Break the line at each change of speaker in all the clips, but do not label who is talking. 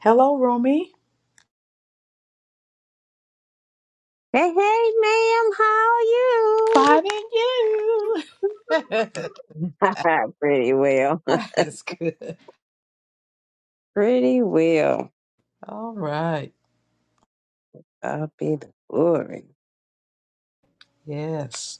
Hello, Romy.
Hey, hey, ma'am, how are you?
Finding you.
Pretty well.
That's good.
Pretty well.
All right.
I'll be the glory.
Yes.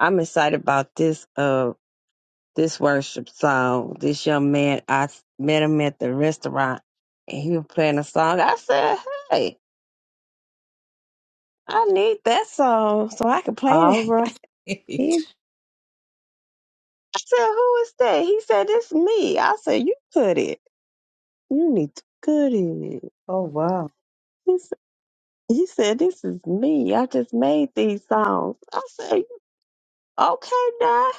I'm excited about this uh this worship song. This young man, I s- met him at the restaurant and he was playing a song. I said, Hey, I need that song so I can play
All
that.
right.
He, I said, Who is that? He said, It's me. I said, You put it. You need to put it.
Oh, wow.
He said, This is me. I just made these songs. I said, Okay, now.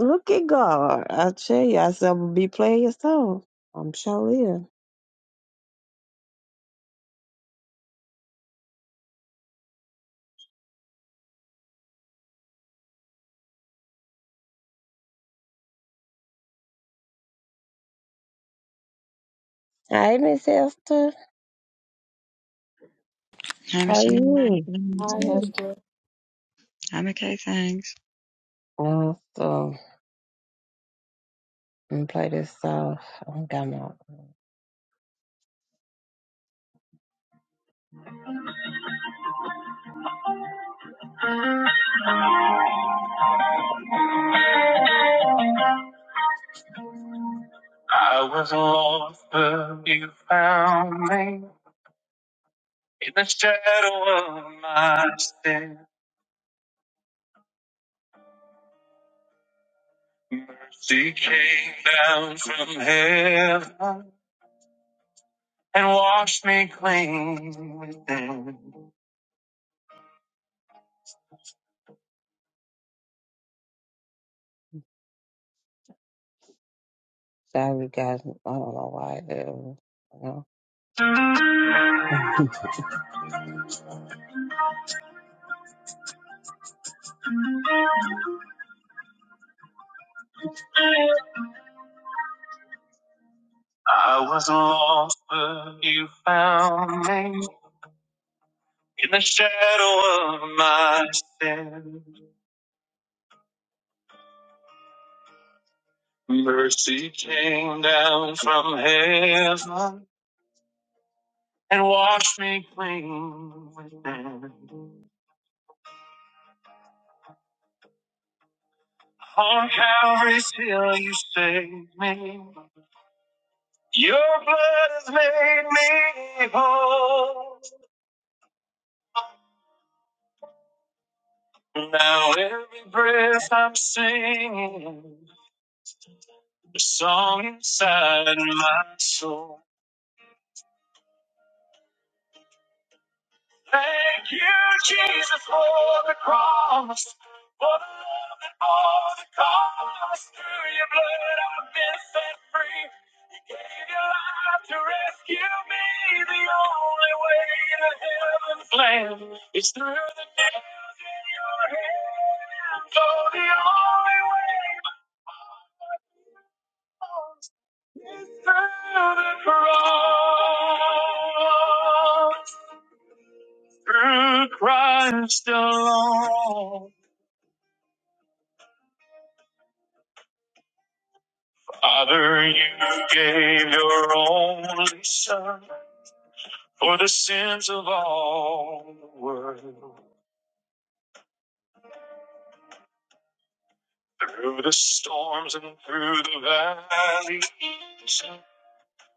Look at God. I tell you, I said, I'm going to be playing your songs. I'm sure is." Hey, Miss Esther.
I'm
How are you?
Shannon.
Hi, Hester.
I'm okay, thanks.
Uh, so, I'm going to play this song. I'm going to I was lost, but you found me. In the shadow of my sin, mercy came down from heaven. and wash me clean within. Sorry, guys. I don't know why. It was, you know. I was lost, but you found me in the shadow of my sin. Mercy came down from heaven and washed me clean within. On Calvary's hill, you saved me. Your blood has made me whole. Now every breath I'm singing, a song inside my soul. Thank you, Jesus, for the cross. For the love and all the cost. Through your blood, I've been set free. You gave your life to rescue me. The only way to heaven's land is through the nails in your hands. Oh, the only way. It's through the cross, through Christ alone. Father, you gave your only Son for the sins of all the world. Through the storms and through the valleys,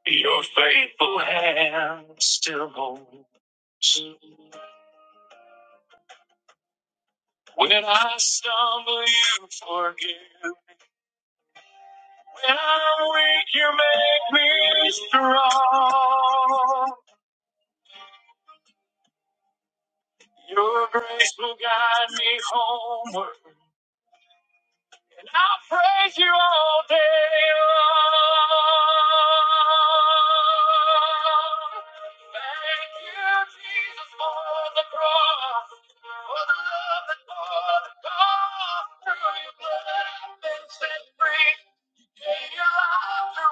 your faithful hand still holds. When I stumble, you forgive. me. When I'm weak, you make me strong. Your grace will guide me homeward, and I'll praise you all day long. Thank you, Jesus, for the cross, for the love and for the cost. Through your blood, I've been set free. You to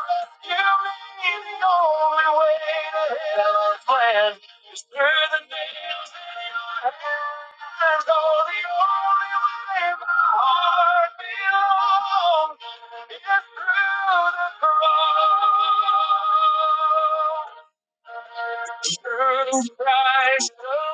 The only way to heaven's plan It's Through the the the nails in your hands. Oh, the only way my heart belongs is through the cross. Through Christ, alone.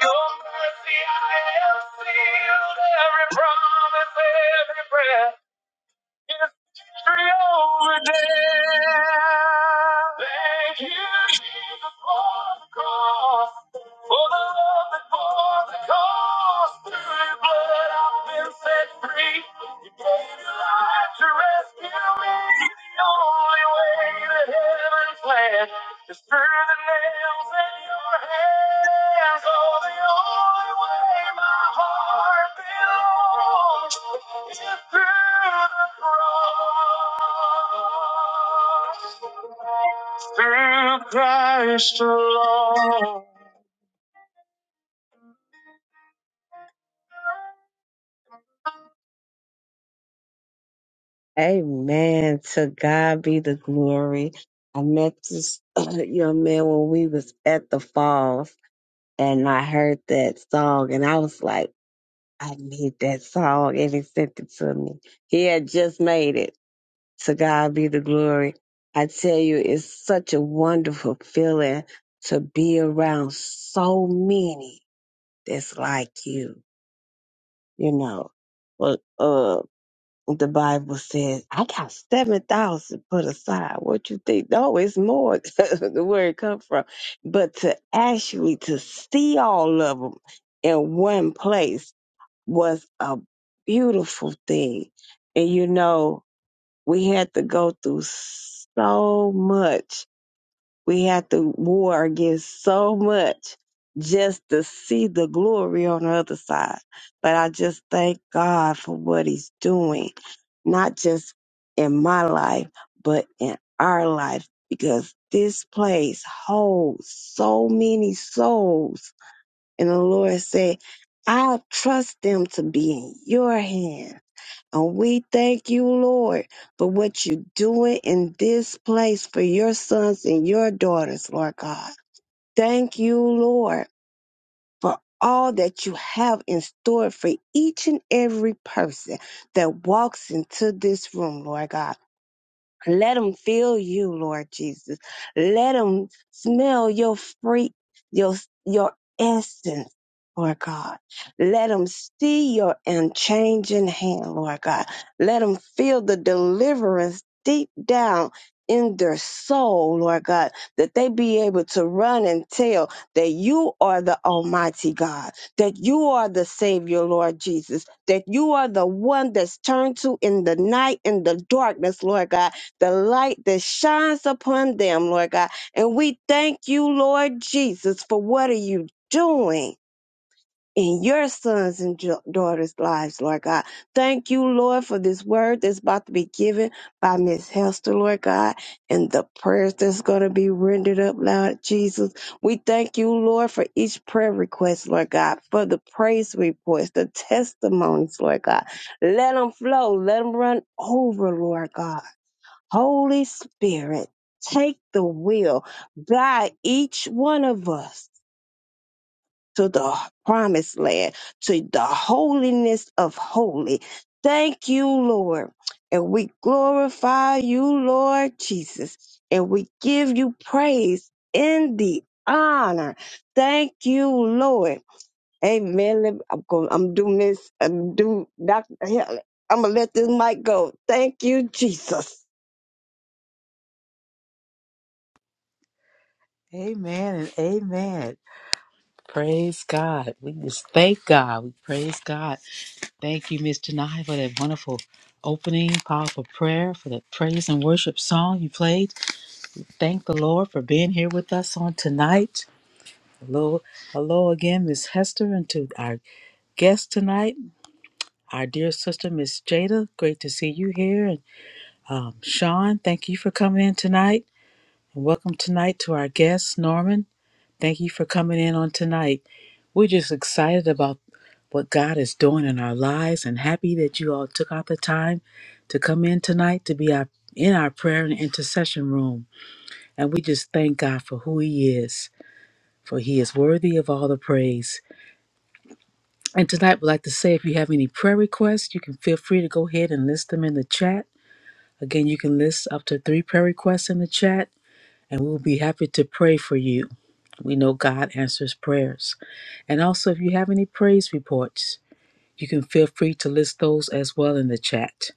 Your mercy, I am sealed. Every promise, every breath. It's victory over death. Thank you, Jesus, for the cross. For the love that bore the cost. Through your blood, I've been set free. You gave your life to rescue me. The only way. Just through the nails in your hands, oh, the only way my heart belongs is through the cross. Through Christ alone. Amen. To God be the glory. I met this young man when we was at the falls and I heard that song and I was like, I need that song and he sent it to me. He had just made it. To God be the glory. I tell you, it's such a wonderful feeling to be around so many that's like you, you know. Well, uh, the Bible says, I got 7,000 put aside. What you think? No, it's more where it come from. But to actually to see all of them in one place was a beautiful thing. And you know, we had to go through so much we have to war against so much just to see the glory on the other side. But I just thank God for what He's doing, not just in my life, but in our life, because this place holds so many souls. And the Lord said, I trust them to be in your hand. And we thank you, Lord, for what you're doing in this place for your sons and your daughters, Lord God. Thank you, Lord, for all that you have in store for each and every person that walks into this room, Lord God. Let them feel you, Lord Jesus. Let them smell your free, your, your essence, Lord God. Let them see your unchanging hand, Lord God. Let them feel the deliverance deep down in their soul, Lord God, that they be able to run and tell that you are the Almighty God, that you are the Savior, Lord Jesus, that you are the one that's turned to in the night, in the darkness, Lord God the light that shines upon them, Lord God. And we thank you, Lord Jesus, for what are you doing in your sons and jo- daughters' lives, Lord God. Thank you, Lord, for this word that's about to be given by Miss Hester, Lord God, and the prayers that's going to be rendered up loud, Jesus. We thank you, Lord, for each prayer request, Lord God, for the praise reports, the testimonies, Lord God. Let them flow, let them run over, Lord God. Holy Spirit, take the wheel, guide each one of us to the promised land, to the holiness of holy. Thank you, Lord. And we glorify you, Lord Jesus, and we give you praise in the honor. Thank you, Lord. Amen. Let me- I'm going. I'm doing this. I'm doing. Doctor, I'm gonna let this mic go. Thank you, Jesus.
Amen and amen. Praise God. We just thank God. We praise God. Thank you, Miss Janai, for that wonderful opening, powerful prayer, for the praise and worship song you played. Thank the Lord for being here with us on tonight. Hello, hello again, Miss Hester, and to our guest tonight, our dear sister, Miss Jada. Great to see you here. And um, Sean, thank you for coming in tonight. And welcome tonight to our guest, Norman. Thank you for coming in on tonight. We're just excited about what God is doing in our lives and happy that you all took out the time to come in tonight to be our, in our prayer and intercession room. And we just thank God for who He is, for He is worthy of all the praise. And tonight, we'd like to say if you have any prayer requests, you can feel free to go ahead and list them in the chat. Again, you can list up to three prayer requests in the chat, and we'll be happy to pray for you. We know God answers prayers. And also, if you have any praise reports, you can feel free to list those as well in the chat.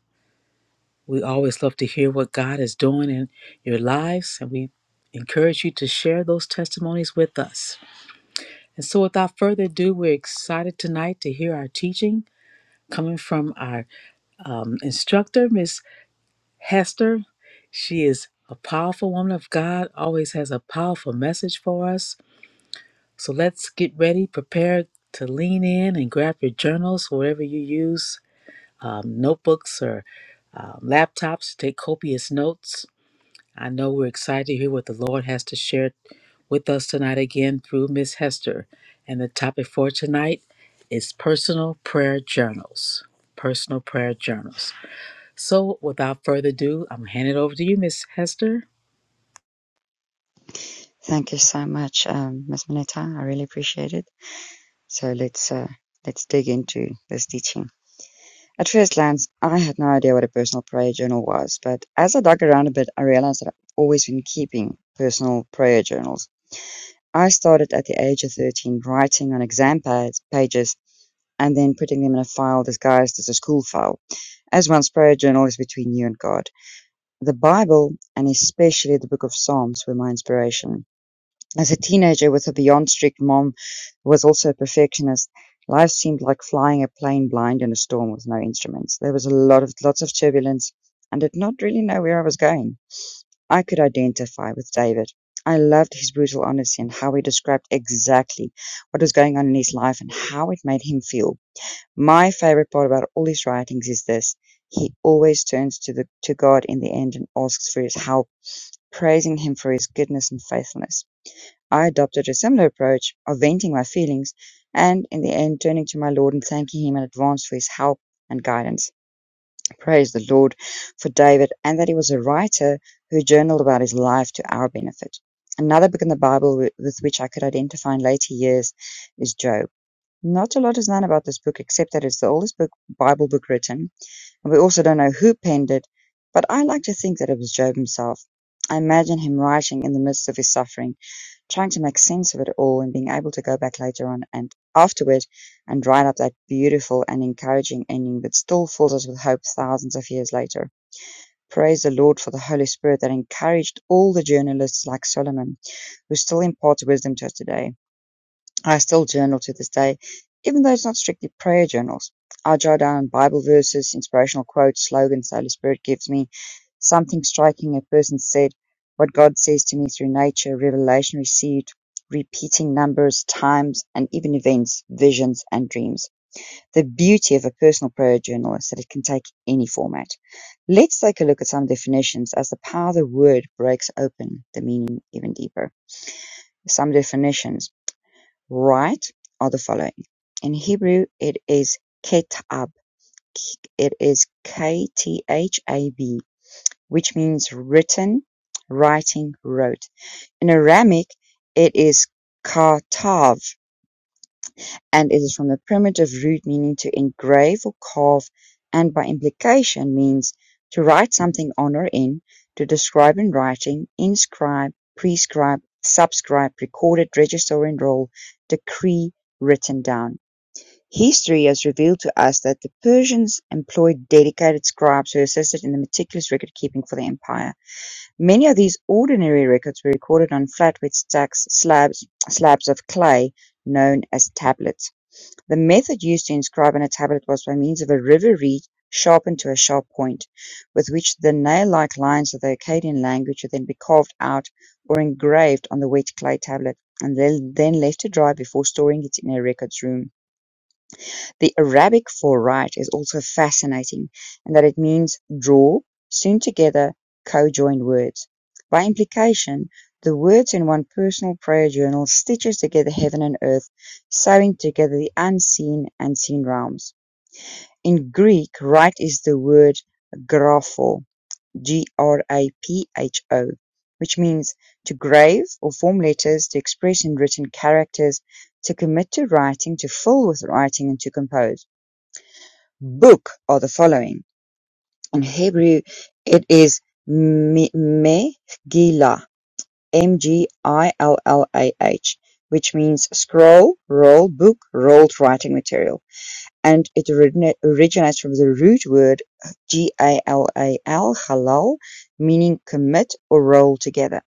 We always love to hear what God is doing in your lives, and we encourage you to share those testimonies with us. And so, without further ado, we're excited tonight to hear our teaching coming from our um, instructor, Miss Hester. She is a powerful woman of God, always has a powerful message for us. So let's get ready, prepare to lean in and grab your journals, whatever you use, um, notebooks or um, laptops to take copious notes. I know we're excited to hear what the Lord has to share with us tonight again through Miss Hester. And the topic for tonight is personal prayer journals. Personal prayer journals. So, without further ado, I'm handing it over to you, Miss Hester.
Thank you so much, um, Ms. Manetta. I really appreciate it. So let's uh, let's dig into this teaching. At first glance, I had no idea what a personal prayer journal was, but as I dug around a bit, I realized that I've always been keeping personal prayer journals. I started at the age of 13 writing on exam pads, pages and then putting them in a file disguised as a school file, as one's prayer journal is between you and God. The Bible, and especially the Book of Psalms, were my inspiration. As a teenager with a beyond strict mom who was also a perfectionist, life seemed like flying a plane blind in a storm with no instruments. There was a lot of lots of turbulence and did not really know where I was going. I could identify with David. I loved his brutal honesty and how he described exactly what was going on in his life and how it made him feel. My favorite part about all his writings is this. He always turns to the to God in the end and asks for his help praising him for his goodness and faithfulness. I adopted a similar approach of venting my feelings and, in the end, turning to my Lord and thanking him in advance for his help and guidance. Praise the Lord for David and that he was a writer who journaled about his life to our benefit. Another book in the Bible with which I could identify in later years is Job. Not a lot is known about this book except that it's the oldest book, Bible book written we also don't know who penned it, but I like to think that it was Job himself. I imagine him writing in the midst of his suffering, trying to make sense of it all and being able to go back later on and afterward and write up that beautiful and encouraging ending that still fills us with hope thousands of years later. Praise the Lord for the Holy Spirit that encouraged all the journalists like Solomon, who still imparts wisdom to us today. I still journal to this day, even though it's not strictly prayer journals. I jot down Bible verses, inspirational quotes, slogans the Holy Spirit gives me, something striking a person said, what God says to me through nature, revelation received, repeating numbers, times, and even events, visions, and dreams. The beauty of a personal prayer journal is that it can take any format. Let's take a look at some definitions as the power of the word breaks open the meaning even deeper. Some definitions right are the following. In Hebrew, it is ketab. It is K-T-H-A-B, which means written, writing, wrote. In Aramaic, it is katav, and it is from the primitive root meaning to engrave or carve, and by implication means to write something on or in, to describe in writing, inscribe, prescribe, subscribe, recorded, register, enroll, decree, written down. History has revealed to us that the Persians employed dedicated scribes who assisted in the meticulous record-keeping for the empire. Many of these ordinary records were recorded on flatware stacks slabs, slabs of clay known as tablets. The method used to inscribe on a tablet was by means of a river reed sharpened to a sharp point, with which the nail-like lines of the Akkadian language would then be carved out or engraved on the wet clay tablet and then, then left to dry before storing it in a records room. The Arabic for right is also fascinating in that it means draw, sewn together, co-joined words. By implication, the words in one personal prayer journal stitches together heaven and earth, sewing together the unseen and seen realms. In Greek, right is the word grapho, G-R-A-P-H-O, which means to grave or form letters, to express in written characters, to commit to writing, to fill with writing, and to compose book or the following. In Hebrew, it is Me- Megillah, M-G-I-L-L-A-H, which means scroll, roll, book, rolled writing material. And it origina- originates from the root word G-A-L-A-L, halal, meaning commit or roll together.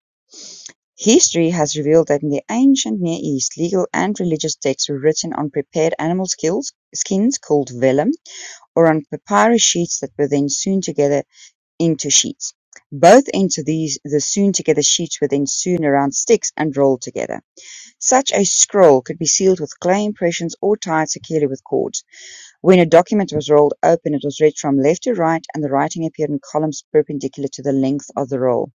History has revealed that in the ancient Near East, legal and religious texts were written on prepared animal skills, skins called vellum or on papyrus sheets that were then sewn together into sheets. Both ends of these, the sewn together sheets were then sewn around sticks and rolled together. Such a scroll could be sealed with clay impressions or tied securely with cords. When a document was rolled open, it was read from left to right and the writing appeared in columns perpendicular to the length of the roll.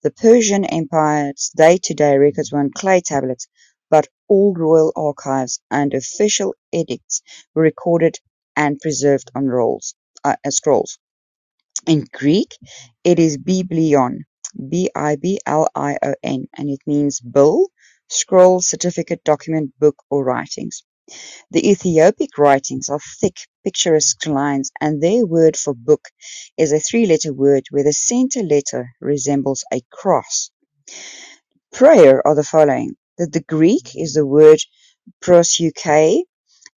The Persian Empire's day-to-day records were on clay tablets, but all royal archives and official edicts were recorded and preserved on rolls, uh, uh, scrolls. In Greek, it is biblion, B-I-B-L-I-O-N, and it means bill, scroll, certificate, document, book, or writings. The Ethiopic writings are thick, picturesque lines, and their word for book is a three-letter word where the center letter resembles a cross. Prior are the following: that the Greek is the word "prosuche"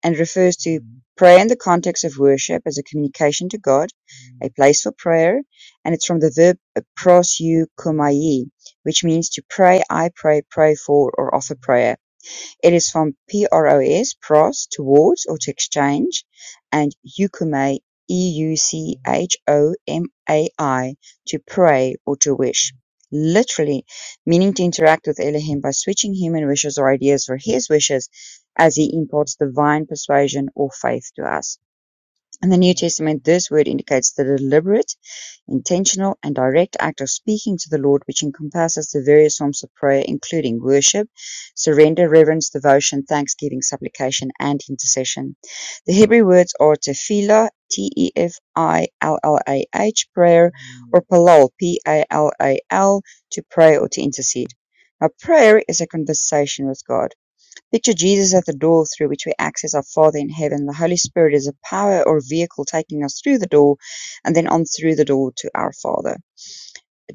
and refers to prayer in the context of worship as a communication to God, a place for prayer, and it's from the verb prosukomai, which means to pray, I pray, pray for, or offer prayer. It is from "pros", "pros", "towards" or "to exchange", and "euchomai", e u c h o m a i "to pray" or "to wish", literally meaning to interact with Elohim by switching human wishes or ideas for his wishes as he imparts divine persuasion or faith to us. In the New Testament, this word indicates the deliberate intentional and direct act of speaking to the Lord which encompasses the various forms of prayer, including worship, surrender, reverence, devotion, thanksgiving, supplication, and intercession. The Hebrew words are tefillah, T E F I L L A H, prayer, or palal, P A L A L, to pray or to intercede. Now, prayer is a conversation with God. Picture Jesus at the door through which we access our Father in heaven. The Holy Spirit is a power or vehicle taking us through the door and then on through the door to our Father.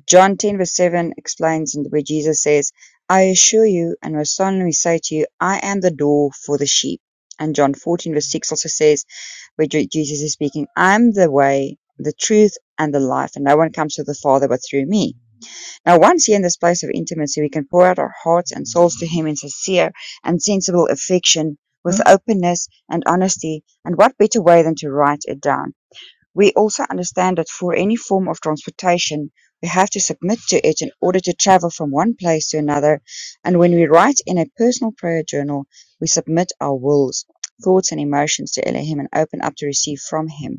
John 10 verse 7 explains where Jesus says, I assure you and most solemnly say to you, I am the door for the sheep. And John 14 verse 6 also says, where Jesus is speaking, I am the way, the truth, and the life, and no one comes to the Father but through me. Now, once here in this place of intimacy, we can pour out our hearts and souls to Him in sincere and sensible affection with openness and honesty. And what better way than to write it down? We also understand that for any form of transportation, we have to submit to it in order to travel from one place to another. And when we write in a personal prayer journal, we submit our wills, thoughts, and emotions to Elohim and open up to receive from Him.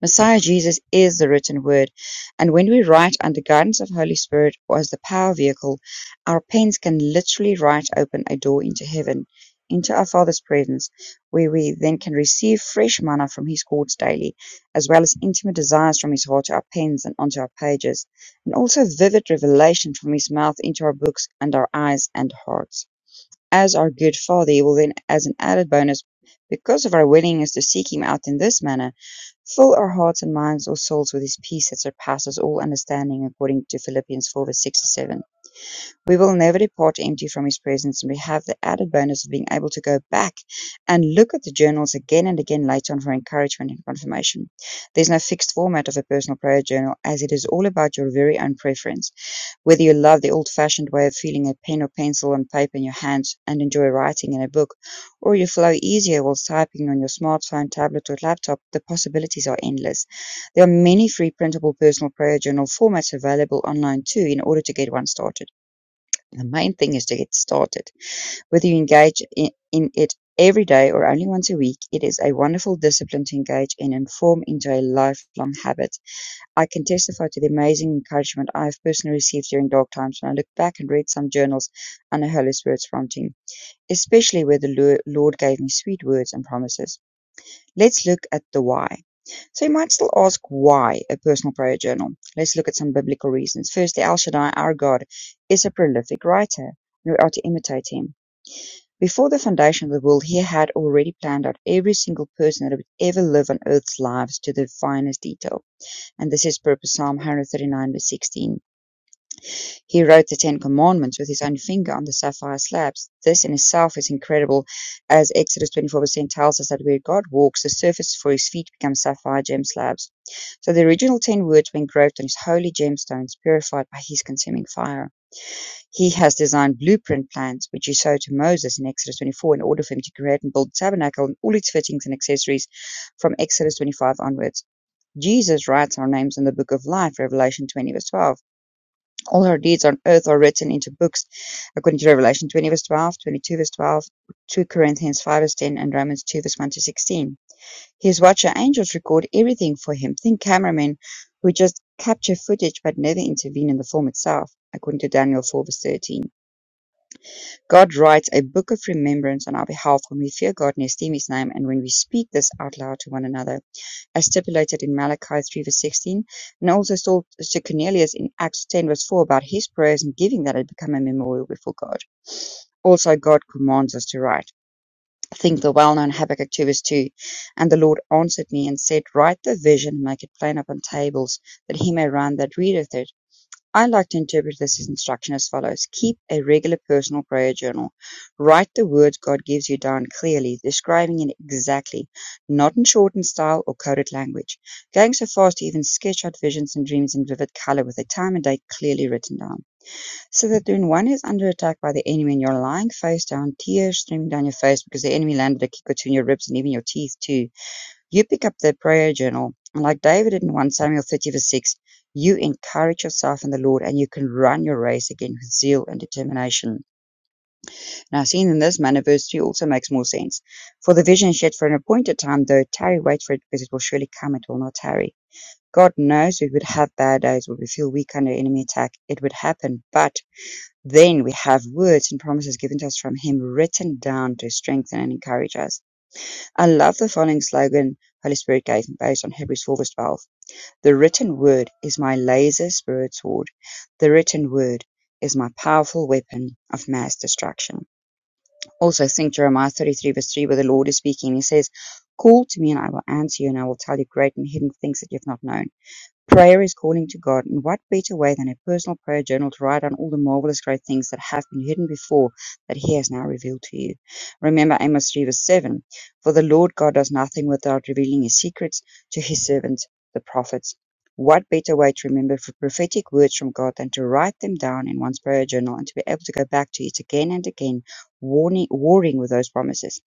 Messiah Jesus is the written word, and when we write under guidance of Holy Spirit or as the power vehicle, our pens can literally write open a door into heaven, into our Father's presence, where we then can receive fresh manna from His courts daily, as well as intimate desires from His heart to our pens and onto our pages, and also vivid revelation from His mouth into our books and our eyes and hearts. As our good Father, He will then, as an added bonus, because of our willingness to seek Him out in this manner, Fill our hearts and minds or souls with his peace that surpasses all understanding, according to Philippians 4 verse 6 to 7. We will never depart empty from his presence, and we have the added bonus of being able to go back and look at the journals again and again later on for encouragement and confirmation. There's no fixed format of a personal prayer journal, as it is all about your very own preference. Whether you love the old-fashioned way of feeling a pen or pencil and paper in your hands and enjoy writing in a book, or you flow easier while typing on your smartphone, tablet, or laptop, the possibilities are endless. There are many free printable personal prayer journal formats available online too in order to get one started. The main thing is to get started. Whether you engage in, in it every day or only once a week, it is a wonderful discipline to engage in and form into a lifelong habit. I can testify to the amazing encouragement I have personally received during dark times when I look back and read some journals under Holy Spirit's prompting, especially where the Lord gave me sweet words and promises. Let's look at the why. So you might still ask why a personal prayer journal. Let's look at some biblical reasons. Firstly, El Shaddai, our God, is a prolific writer, and we are to imitate him. Before the foundation of the world, he had already planned out every single person that would ever live on earth's lives to the finest detail and this is purpose Psalm 139 verse 16. He wrote the Ten Commandments with his own finger on the sapphire slabs. This in itself is incredible, as Exodus 24 verse 10 tells us that where God walks, the surface for his feet becomes sapphire gem slabs. So the original ten words were engraved on his holy gemstones, purified by his consuming fire. He has designed blueprint plans, which he showed to Moses in Exodus 24 in order for him to create and build the tabernacle and all its fittings and accessories from Exodus 25 onwards. Jesus writes our names in the book of life, Revelation 20, verse 12. All our deeds on earth are written into books, according to Revelation 20, verse 12, twenty-two, verse 12, 2 Corinthians 5, verse 10, and Romans 2, verse 1 to 16. His watcher angels record everything for him. Think cameramen who just capture footage but never intervene in the film itself, according to Daniel 4, verse 13. God writes a book of remembrance on our behalf when we fear God and esteem his name, and when we speak this out loud to one another as stipulated in Malachi three verse sixteen, and also told to Cornelius in Acts ten verse four about his prayers and giving that had become a memorial before God. Also, God commands us to write. Think the well known Habakkuk 2 verse 2. And the Lord answered me and said, Write the vision and make it plain upon tables, that he may run that readeth it. I like to interpret this instruction as follows. Keep a regular personal prayer journal. Write the words God gives you down clearly, describing it exactly, not in shortened style or coded language. Going so far as to even sketch out visions and dreams in vivid color with a time and date clearly written down. So that when one is under attack by the enemy and you're lying face down, tears streaming down your face because the enemy landed a kick or two in your ribs and even your teeth too, you pick up that prayer journal, and like David in 1 Samuel 30, verse 6, you encourage yourself in the Lord and you can run your race again with zeal and determination. Now, seen in this manner, verse 3 also makes more sense. For the vision is yet for an appointed time, though tarry, wait for it, because it will surely come, it will not tarry. God knows we would have bad days, we would feel weak under enemy attack. It would happen, but then we have words and promises given to us from Him written down to strengthen and encourage us. I love the following slogan Holy Spirit gave me based on Hebrews 4 verse 12. The written word is my laser spirit sword. The written word is my powerful weapon of mass destruction. Also think Jeremiah 33 verse 3 where the Lord is speaking. He says, Call to me and I will answer you and I will tell you great and hidden things that you've not known. Prayer is calling to God, and what better way than a personal prayer journal to write down all the marvelous great things that have been hidden before that He has now revealed to you? Remember Amos 3 verse 7 For the Lord God does nothing without revealing His secrets to His servants, the prophets. What better way to remember for prophetic words from God than to write them down in one's prayer journal and to be able to go back to it again and again, warning, warring with those promises?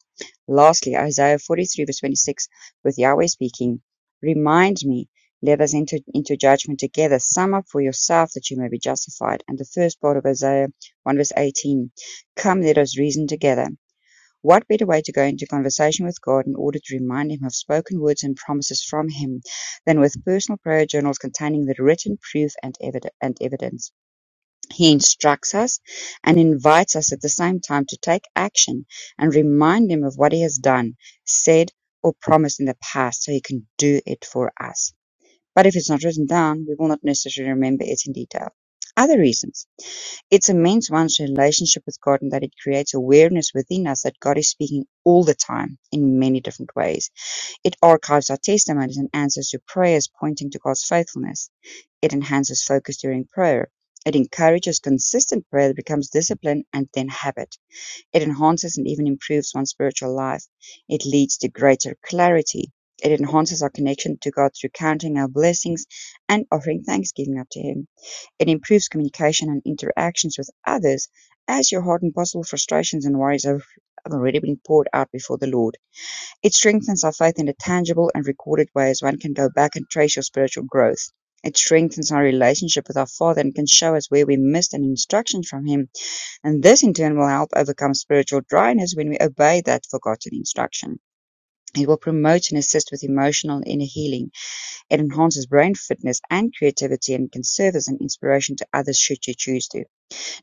Lastly, Isaiah 43 verse 26, with Yahweh speaking, Remind me let us enter into judgment together. Sum up for yourself that you may be justified. And the first part of Isaiah 1 verse 18. Come, let us reason together. What better way to go into conversation with God in order to remind Him of spoken words and promises from Him than with personal prayer journals containing the written proof and, evid- and evidence? He instructs us and invites us at the same time to take action and remind Him of what He has done, said, or promised in the past so He can do it for us but if it's not written down, we will not necessarily remember it in detail. Other reasons. It's a means one's relationship with God and that it creates awareness within us that God is speaking all the time in many different ways. It archives our testimonies and answers to prayers pointing to God's faithfulness. It enhances focus during prayer. It encourages consistent prayer that becomes discipline and then habit. It enhances and even improves one's spiritual life. It leads to greater clarity. It enhances our connection to God through counting our blessings and offering thanksgiving up to Him. It improves communication and interactions with others as your heart and possible frustrations and worries have have already been poured out before the Lord. It strengthens our faith in a tangible and recorded way as one can go back and trace your spiritual growth. It strengthens our relationship with our Father and can show us where we missed an instruction from Him and this in turn will help overcome spiritual dryness when we obey that forgotten instruction. It will promote and assist with emotional and inner healing. It enhances brain fitness and creativity and can serve as an inspiration to others should you choose to.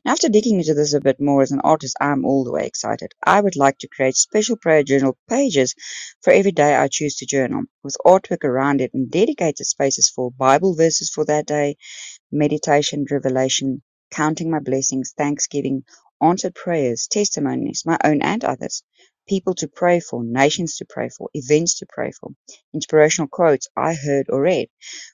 Now, after digging into this a bit more as an artist, I'm all the way excited. I would like to create special prayer journal pages for every day I choose to journal, with artwork around it and dedicated spaces for Bible verses for that day, meditation, revelation, counting my blessings, thanksgiving, answered prayers, testimonies, my own and others, people to pray for, nations to pray for, events to pray for, inspirational quotes I heard or read,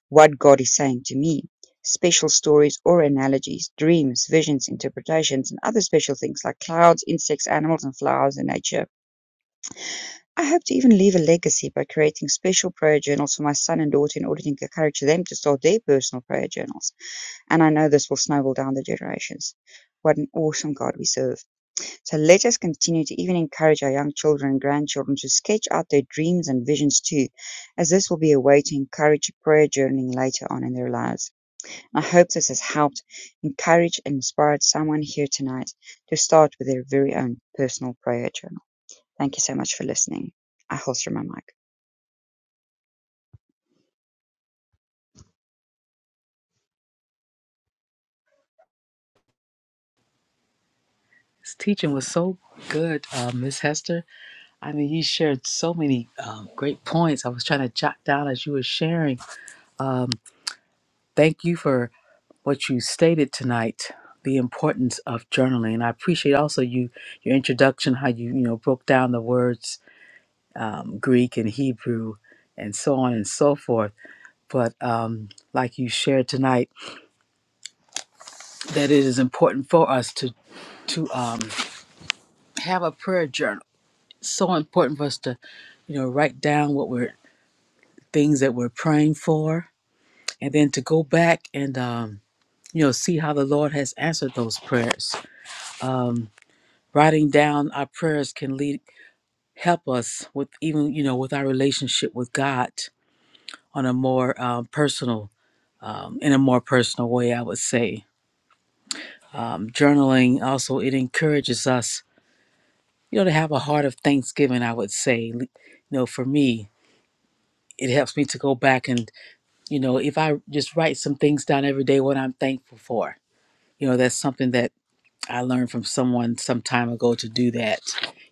what God is saying to me, special stories or analogies, dreams, visions, interpretations, and other special things like clouds, insects, animals, and flowers in nature. I hope to even leave a legacy by creating special prayer journals for my son and daughter in order to encourage them to start their personal prayer journals. And I know this will snowball down the generations. What an awesome God we serve. So let us continue to even encourage our young children and grandchildren to sketch out their dreams and visions too, as this will be a way to encourage prayer journaling later on in their lives. I hope this has helped encouraged, and inspired someone here tonight to start with their very own personal prayer journal. Thank you so much for listening. I holster my mic.
This teaching was so good, uh, Miss Hester. I mean, you shared so many um, great points. I was trying to jot down as you were sharing. Um, thank you for what you stated tonight, the importance of journaling. and I appreciate also you your introduction, how you you know broke down the words Greek and Hebrew, and so on and so forth. But um, like you shared tonight, that it is important for us to to um, have a prayer journal. So important for us to, you know, write down what we're things that we're praying for, and then to go back and, um, you know, see how the Lord has answered those prayers. Um, writing down our prayers can lead help us with even, you know, with our relationship with God on a more um, personal, um, in a more personal way, I would say. Um, journaling also it encourages us, you know, to have a heart of thanksgiving. I would say, you know, for me, it helps me to go back and You know, if I just write some things down every day, what I'm thankful for, you know, that's something that I learned from someone some time ago to do that.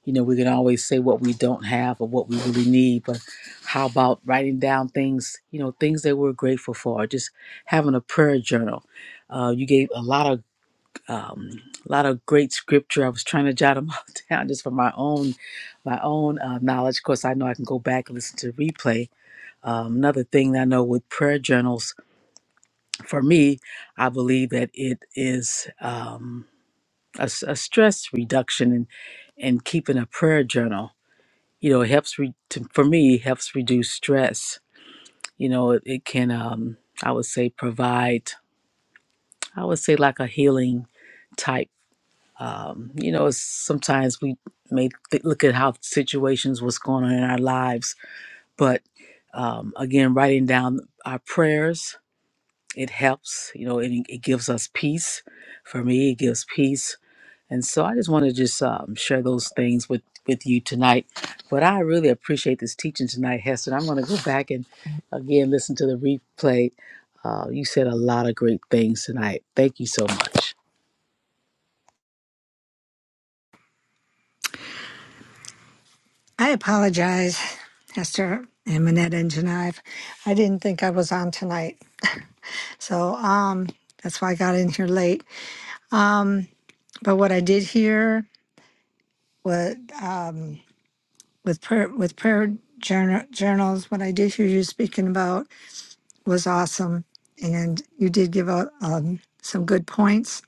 You know, we can always say what we don't have or what we really need, but how about writing down things, you know, things that we're grateful for, just having a prayer journal. Uh, you gave a lot of, um, a lot of great scripture. I was trying to jot them all down just for my own, my own uh, knowledge. Of course, I know I can go back and listen to the replay. Um, another thing that I know with prayer journals for me, I believe that it is um, a, s- a stress reduction and, and keeping a prayer journal. You know, it helps re- to, for me it helps reduce stress. You know, it, it can um, I would say provide I would say like a healing type. Um, you know, it's, sometimes we may th- look at how situations what's going on in our lives, but um, again, writing down our prayers It helps, you know, It it gives us peace. For me, it gives peace. And so I just want to just um, share those things with, with you tonight. But I really appreciate this teaching tonight, Hester. I'm going to go back and again listen to the replay. Uh, you said a lot of great things tonight. Thank you so much.
I apologize, Esther and Minette and Geneve. I didn't think I was on tonight. So um, that's why I got in here late. Um, but what I did hear what um, with prayer, with prayer journal, journals, what I did hear you speaking about was awesome, and you did give out um, some good points.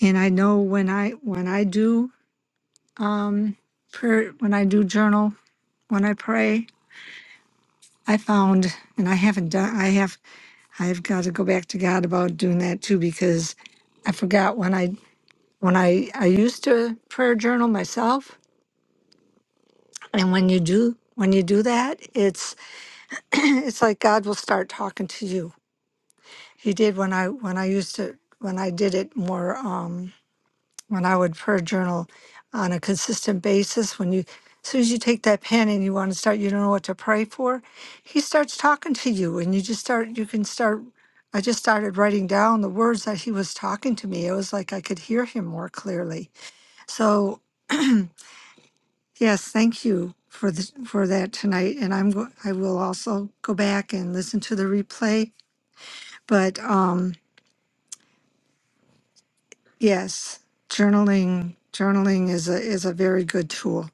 And I know when I when I do um, prayer, when I do journal, when I pray, I found, and I haven't done, I have I've got to go back to God about doing that too because I forgot when I when I I used to prayer journal myself and when you do when you do that it's it's like God will start talking to you. He did when I when I used to when I did it more Um, when I would prayer journal on a consistent basis, when you, as soon as you take that pen and you want to start, you don't know what to pray for, he starts talking to you and you just start, you can start. I just started writing down the words that he was talking to me. It was like I could hear him more clearly. So yes, thank you for the, for that tonight. And I'm go, I will also go back and listen to the replay. But um, yes, journaling journaling is a is a very good tool.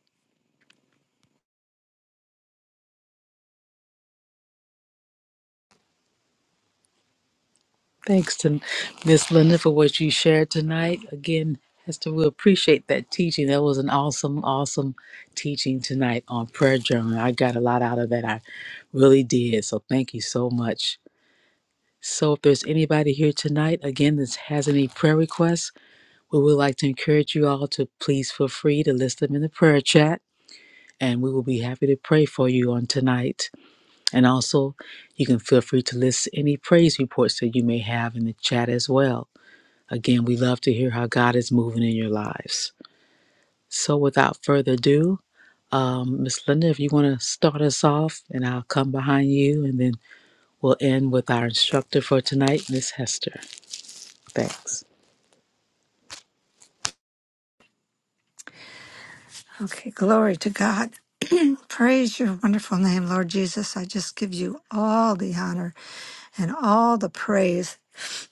Thanks to Miss Linda for what you shared tonight. Again, Hester, we appreciate that teaching. That was an awesome, awesome teaching tonight on prayer journaling. I got a lot out of that. I really did. So thank you so much. So if there's anybody here tonight, again, that has any prayer requests, we would like to encourage you all to please feel free to list them in the prayer chat. And we will be happy to pray for you on tonight. And also, you can feel free to list any praise reports that you may have in the chat as well. Again, we love to hear how God is moving in your lives. So, without further ado, um, Miss Linda, if you want to start us off, and I'll come behind you, and then we'll end with our instructor for tonight, Miss Hester. Thanks.
Okay, glory to God. Praise your wonderful name, Lord Jesus. I just give you all the honor and all the praise.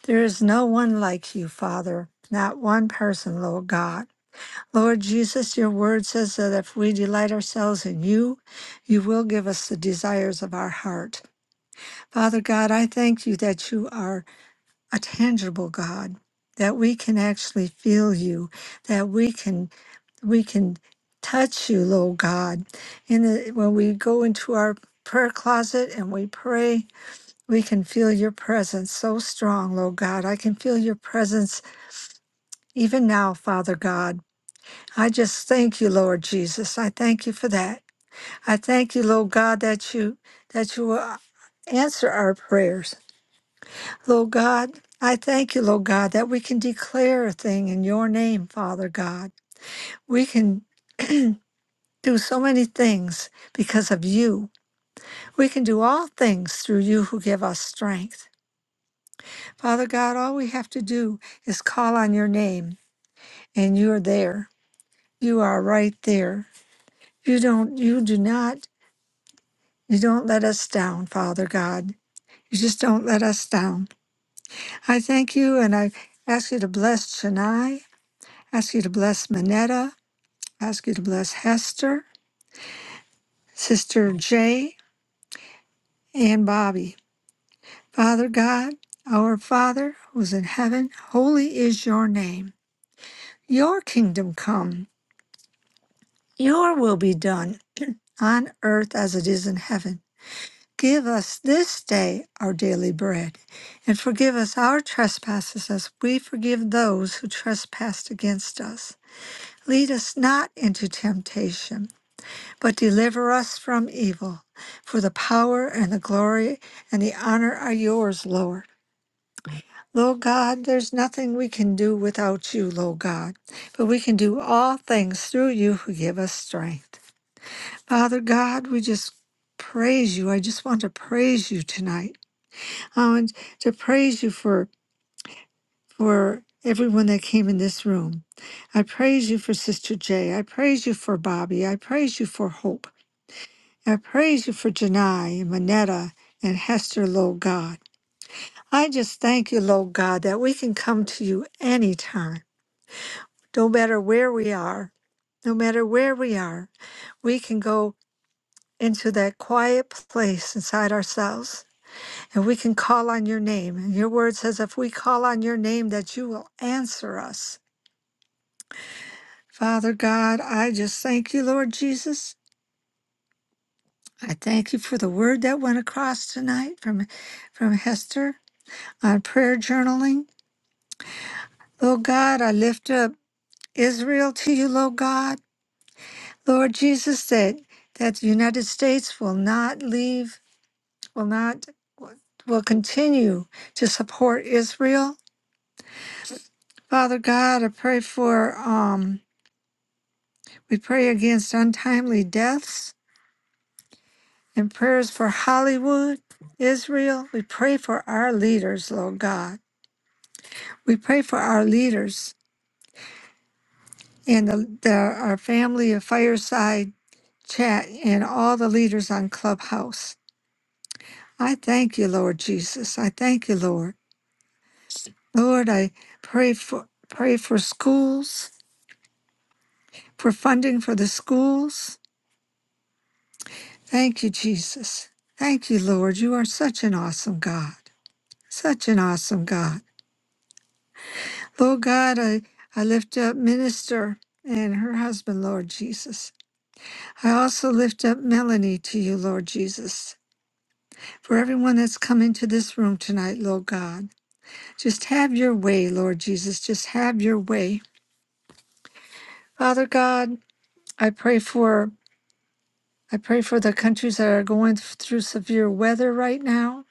There is no one like you, Father, not one person, Lord God. Lord Jesus, your word says that if we delight ourselves in you, you will give us the desires of our heart. Father God, I thank you that you are a tangible God, that we can actually feel you, that we can we can touch you, Lord God. And that when we go into our prayer closet and we pray, we can feel your presence so strong, Lord God. I can feel your presence even now, Father God. I just thank you, Lord Jesus. I thank you for that. I thank you, Lord God, that you that you will answer our prayers. Lord God, I thank you, Lord God, that we can declare a thing in your name, Father God. We can do so many things because of you. We can do all things through you who give us strength. Father God, all we have to do is call on your name and you're there. You are right there. You don't, you do not, you don't let us down, Father God. You just don't let us down. I thank you and I ask you to bless Chennai, ask you to bless Manetta, ask you to bless Hester, Sister Jay, and Bobby. Father God, our Father who's in heaven, holy is your name. Your kingdom come, your will be done on earth as it is in heaven. Give us this day our daily bread, and forgive us our trespasses as we forgive those who trespass against us. Lead us not into temptation, but deliver us from evil. For the power and the glory and the honor are yours, Lord Lord God, there's nothing we can do without you, Lord God, but we can do all things through you who give us strength. Father God, we just praise you. I just want to praise you tonight. I want to praise you for for everyone that came in this room. I praise you for Sister Jay. I praise you for Bobby. I praise you for Hope. I praise you for Janai and Manetta and Hester, Lord God. I just thank you, Lord God, that we can come to you anytime. no matter where we are, no matter where we are, we can go into that quiet place inside ourselves and we can call on your name. And your word says, if we call on your name, that you will answer us. Father God, I just thank you, Lord Jesus. I thank you for the word that went across tonight from, from Hester on prayer journaling. Lord God, I lift up Israel to you, Lord God. Lord Jesus, that, that the United States will not leave will not will continue to support Israel. Father God, I pray for um we pray against untimely deaths and prayers for Hollywood, Israel. We pray for our leaders, Lord God. We pray for our leaders and the, the our family of fireside chat and all the leaders on Clubhouse. I thank you, Lord Jesus. I thank you, Lord. Lord, I pray for pray for schools for funding for the schools. Thank you, Jesus. Thank you, Lord. You are such an awesome God. Such an awesome God. Lord God, I, I lift up Minister and her husband, Lord Jesus. I also lift up Melanie to you, Lord Jesus. For everyone that's come into this room tonight, Lord God, just have your way, Lord Jesus. Just have your way. Father God, I pray for I pray for the countries that are going through severe weather right now.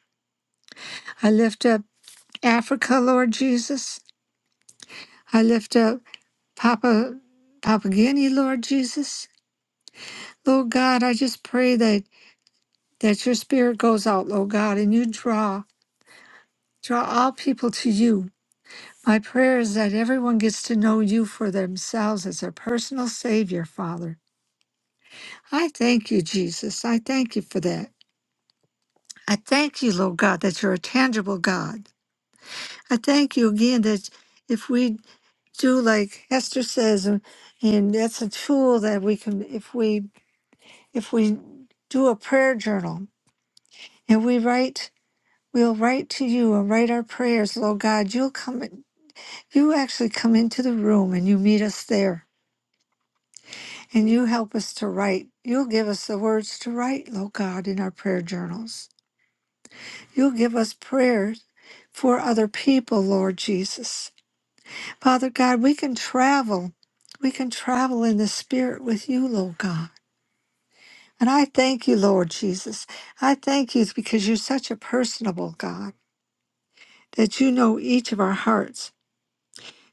I lift up Africa, Lord Jesus. I lift up Papa Papua Guinea, Lord Jesus. Lord God, I just pray that that your spirit goes out, Lord God, and you draw draw all people to you. My prayer is that everyone gets to know you for themselves as their personal Savior, Father. I thank you, Jesus. I thank you for that. I thank you, Lord God, that you're a tangible God. I thank you again that if we do like Hester says, and, and that's a tool that we can, if we, if we do a prayer journal and we write, we'll write to you and write our prayers, Lord God, you'll come, in- you actually come into the room and you meet us there and you help us to write. You'll give us the words to write, Lord God, in our prayer journals. You'll give us prayers for other people, Lord Jesus. Father God, we can travel. We can travel in the spirit with you, Lord God. And I thank you, Lord Jesus. I thank you because you're such a personable God that you know each of our hearts.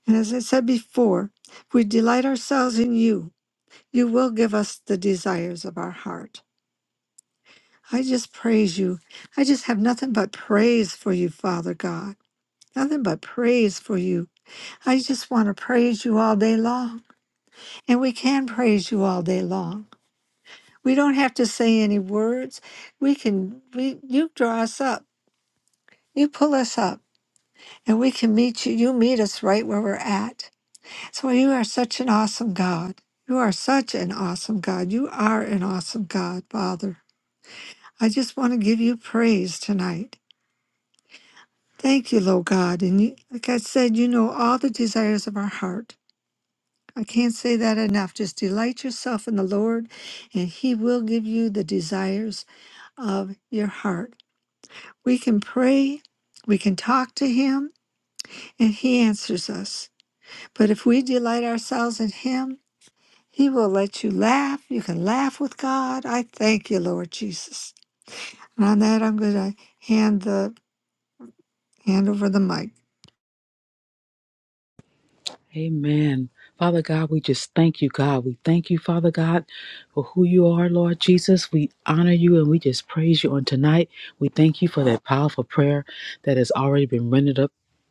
And as I said before, if we delight ourselves in you, you will give us the desires of our heart. I just praise you. I just have nothing but praise for you, Father God. Nothing but praise for you. I just want to praise you all day long. And we can praise you all day long. We don't have to say any words. We can we you draw us up. You pull us up. and we can meet you. You meet us right where we're at. So you are such an awesome God. You are such an awesome God. You are an awesome God, Father. I just want to give you praise tonight. Thank you, Lord God. And you, like I said, you know all the desires of our heart. I can't say that enough. Just delight yourself in the Lord, and He will give you the desires of your heart. We can pray, we can talk to Him, and He answers us. But if we delight ourselves in Him, He will let you laugh. You can laugh with God. I thank you, Lord Jesus. And on that, I'm going to hand the hand over the mic.
Amen. Father God, we just thank you, God. We thank you, Father God, for who you are, Lord Jesus. We honor you and we just praise you on tonight. We thank you for that powerful prayer that has already been rendered up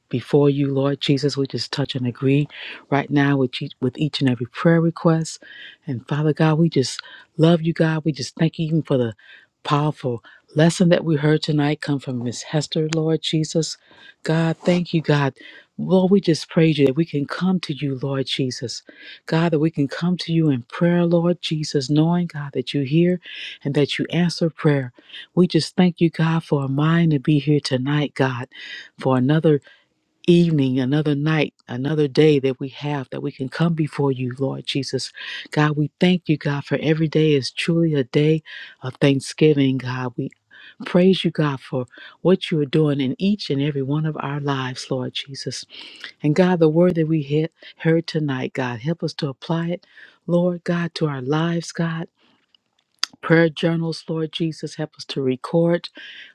before you, Lord Jesus. We just touch and agree right now with each, with each and every prayer request. And Father God, we just love you, God. We just thank you even for the powerful lesson that we heard tonight come from Miss Hester, Lord Jesus. God, thank you, God. Lord, we just praise you that we can come to you, Lord Jesus. God, that we can come to you in prayer, Lord Jesus, knowing, God, that you hear and that you answer prayer. We just thank you, God, for a mind to be here tonight, God, for another evening, another night, another day that we have, that we can come before you, Lord Jesus. God, we thank you, God, for every day is truly a day of thanksgiving, God. We praise you, God, for what you are doing in each and every one of our lives, Lord Jesus. And God, the word that we he- heard tonight, God, help us to apply it, Lord God, to our lives, God. Prayer journals, Lord Jesus, help us to record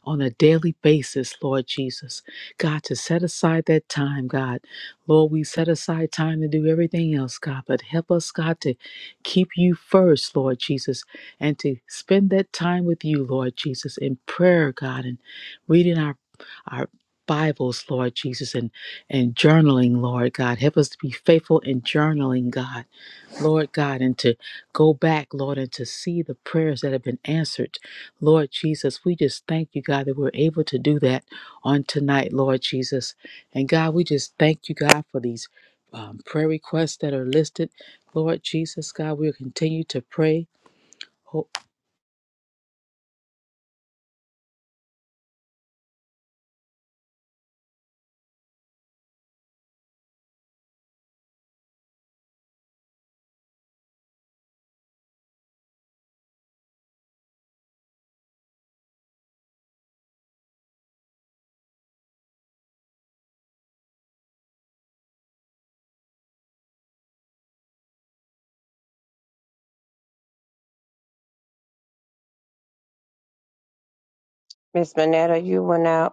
on a daily basis, Lord Jesus. God, to set aside that time, God. Lord, we set aside time to do everything else, God, but help us, God, to keep you first, Lord Jesus, and to spend that time with you, Lord Jesus, in prayer, God, and reading our our Bibles, Lord Jesus, and and journaling, Lord God. Help us to be faithful in journaling, God. Lord God, and to go back, Lord, and to see the prayers that have been answered. Lord Jesus, we just thank you, God, that we're able to do that on tonight, Lord Jesus. And God, we just thank you, God, for these um, prayer requests that are listed. Lord Jesus, God, we'll continue to pray.
Miss Manetta, you went out.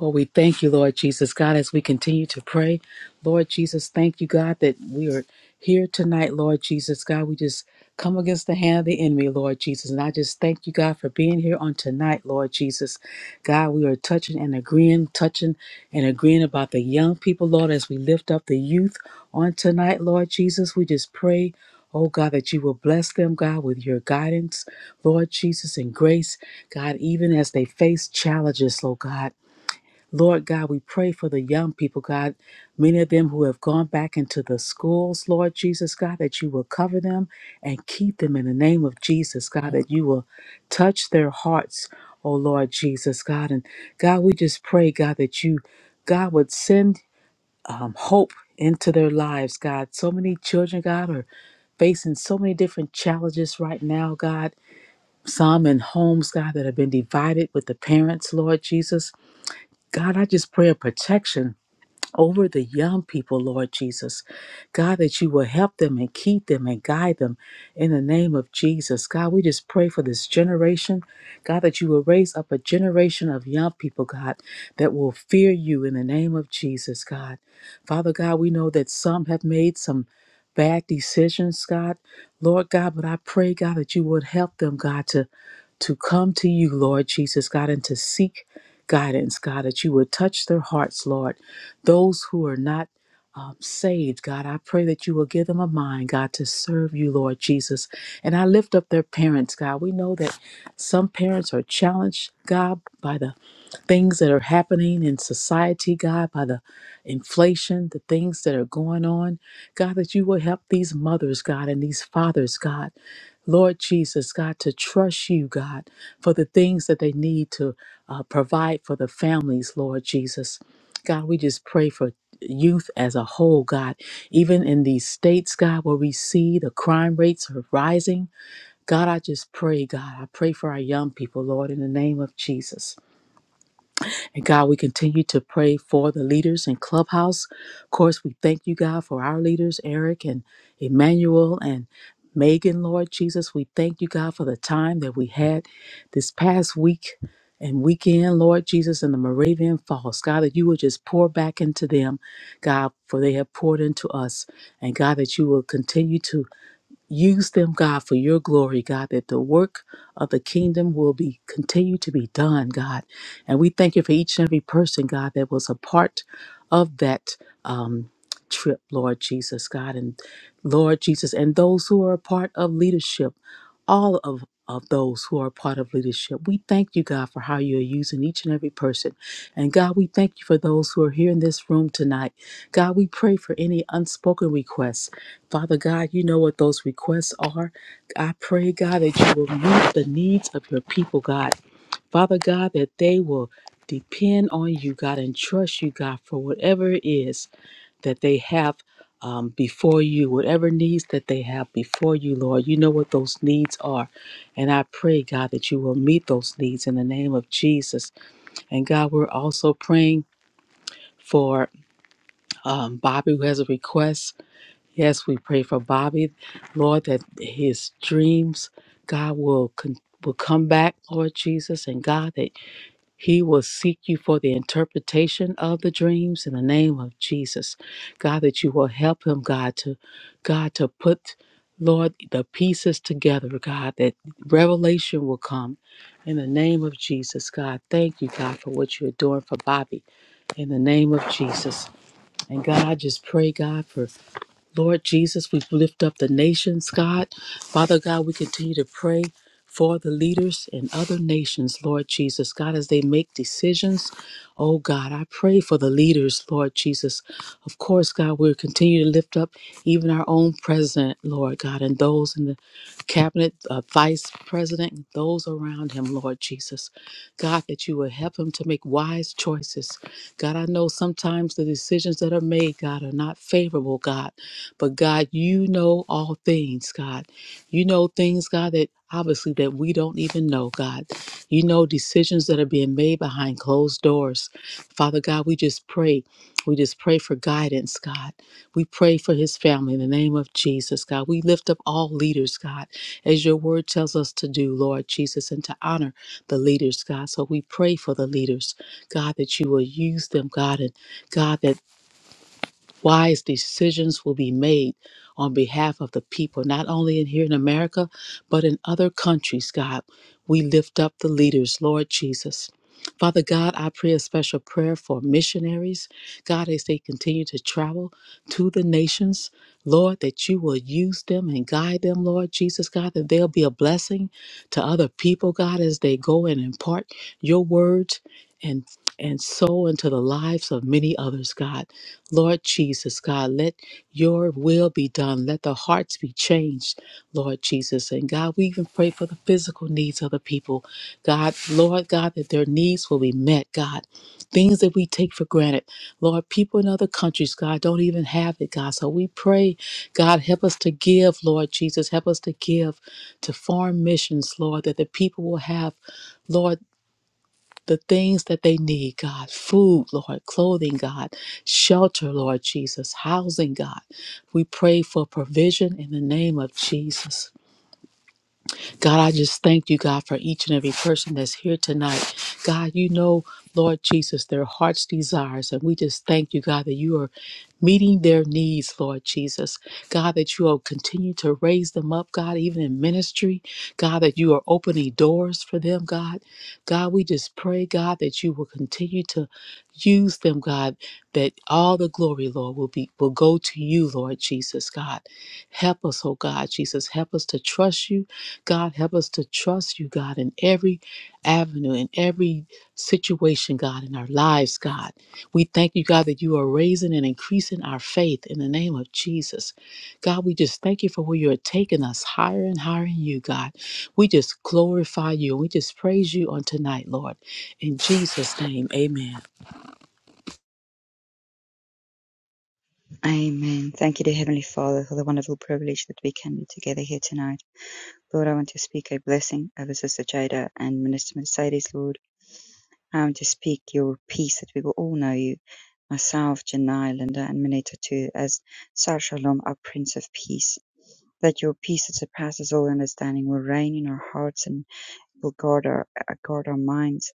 Lord, we thank you, Lord Jesus. God, as we continue to pray, Lord Jesus, thank you, God, that we are here tonight, Lord Jesus. God, we just come against the hand of the enemy, Lord Jesus. And I just thank you, God, for being here on tonight, Lord Jesus. God, we are touching and agreeing, touching and agreeing about the young people, Lord, as we lift up the youth on tonight, Lord Jesus. We just pray. Oh God, that you will bless them, God, with your guidance, Lord Jesus, and grace, God, even as they face challenges, Lord God. Lord God, we pray for the young people, God, many of them who have gone back into the schools, Lord Jesus, God, that you will cover them and keep them in the name of Jesus, God, that you will touch their hearts, oh Lord Jesus, God. And God, we just pray, God, that you, God, would send um, hope into their lives, God. So many children, God, are facing so many different challenges right now, God. Some in homes, God, that have been divided with the parents, Lord Jesus. God, I just pray a protection over the young people, Lord Jesus. God, that you will help them and keep them and guide them in the name of Jesus. God, we just pray for this generation. God, that you will raise up a generation of young people, God, that will fear you in the name of Jesus, God. Father God, we know that some have made some bad decisions, God. Lord God, but I pray, God, that you would help them, God, to to come to you, Lord Jesus, God, and to seek guidance, God, that you would touch their hearts, Lord. Those who are not um, saved, God, I pray that you will give them a mind, God, to serve you, Lord Jesus. And I lift up their parents, God. We know that some parents are challenged, God, by the things that are happening in society, God, by the inflation, the things that are going on. God, that you will help these mothers, God, and these fathers, God. Lord Jesus, God, to trust you, God, for the things that they need to uh, provide for the families, Lord Jesus. God, we just pray for youth as a whole, God. Even in these states, God, where we see the crime rates are rising, God, I just pray, God, I pray for our young people, Lord, in the name of Jesus. And God, we continue to pray for the leaders in Clubhouse. Of course, we thank you, God, for our leaders, Eric and Emmanuel and Megan, Lord Jesus. We thank you, God, for the time that we had this past week and weekend, Lord Jesus, in the Moravian Falls. God, that you will just pour back into them, God, for they have poured into us. And God, that you will continue to Use them, God, for your glory, God, that the work of the kingdom will be continue to be done, God. And we thank you for each and every person, God, that was a part of that um, trip, Lord Jesus, God, and Lord Jesus, and those who are a part of leadership, all of of those who are a part of leadership. We thank you, God, for how you're using each and every person. And God, we thank you for those who are here in this room tonight. God, we pray for any unspoken requests. Father God, you know what those requests are. I pray, God, that you will meet the needs of your people, God. Father God, that they will depend on you, God, and trust you, God, for whatever it is that they have um, before you, whatever needs that they have before you, Lord. You know what those needs are. And I pray, God, that you will meet those needs in the name of Jesus. And God, we're also praying for um, Bobby, who has a request Yes, we pray for Bobby, Lord, that his dreams, God, will con- will come back, Lord Jesus, and God, that he will seek you for the interpretation of the dreams in the name of Jesus. God, that you will help him, God, to God to put Lord the pieces together, God, that revelation will come in the name of Jesus. God, thank you, God, for what you're doing for Bobby in the name of Jesus. And God, I just pray, God, for Lord Jesus, we lift up the nations, God. Father God, we continue to pray for the leaders in other nations, Lord Jesus. God, as they make decisions, oh God, I pray for the leaders, Lord Jesus. Of course, God, we'll continue to lift up even our own president, Lord God, and those in the cabinet, uh, vice president, and those around him, Lord Jesus. God, that you will help him to make wise choices. God, I know sometimes the decisions that are made, God, are not favorable, God. But God, you know all things, God. You know things, God, that obviously that we don't even know, God. You know decisions that are being made behind closed doors. Father God, we just pray. We just pray for guidance, God. We pray for his family in the name of Jesus, God. We lift up all leaders, God, as your word tells us to do, Lord Jesus, and to honor the leaders, God. So we pray for the leaders, God, that you will use them, God, and God, that wise decisions will be made on behalf of the people, not only in here in America, but in other countries, God. We lift up the leaders, Lord Jesus. Father God, I pray a special prayer for missionaries, God, as they continue to travel to the nations. Lord, that you will use them and guide them, Lord Jesus, God, that they'll be a blessing to other people, God, as they go and impart your words and and sow into the lives of many others, God. Lord Jesus, God, let your will be done. Let the hearts be changed, Lord Jesus. And God, we even pray for the physical needs of the people. God, Lord God, that their needs will be met, God. Things that we take for granted. Lord, people in other countries, God, don't even have it, God. So we pray, God, help us to give, Lord Jesus. Help us to give to foreign missions, Lord, that the people will have. Lord, the things that they need, God food, Lord, clothing, God, shelter, Lord Jesus, housing, God. We pray for provision in the name of Jesus. God, I just thank you, God, for each and every person that's here tonight. God, you know, Lord Jesus, their heart's desires. And we just thank you, God, that you are meeting their needs, Lord Jesus. God, that you will continue to raise them up, God, even in ministry. God, that you are opening doors for them, God. God, we just pray, God, that you will continue to use them, God, that all the glory, Lord, will be will go to you, Lord Jesus, God. Help us, oh God, Jesus. Help us to trust you. God, help us to trust you, God, in every avenue, in every situation, God, in our lives, God. We thank you, God, that you are raising and increasing our faith in the name of Jesus. God, we just thank you for where you're taking us higher and higher in you, God. We just glorify you and we just praise you on tonight, Lord. In Jesus' name, amen.
Amen. Thank you, dear Heavenly Father, for the wonderful privilege that we can be together here tonight. Lord, I want to speak a blessing over Sister Jada and Minister Mercedes, Lord. I want to speak your peace that we will all know you. Myself, Janai, Linda, and Mineta too, as Sar Shalom, our Prince of Peace. That your peace that surpasses all understanding will reign in our hearts and will guard our, uh, guard our minds.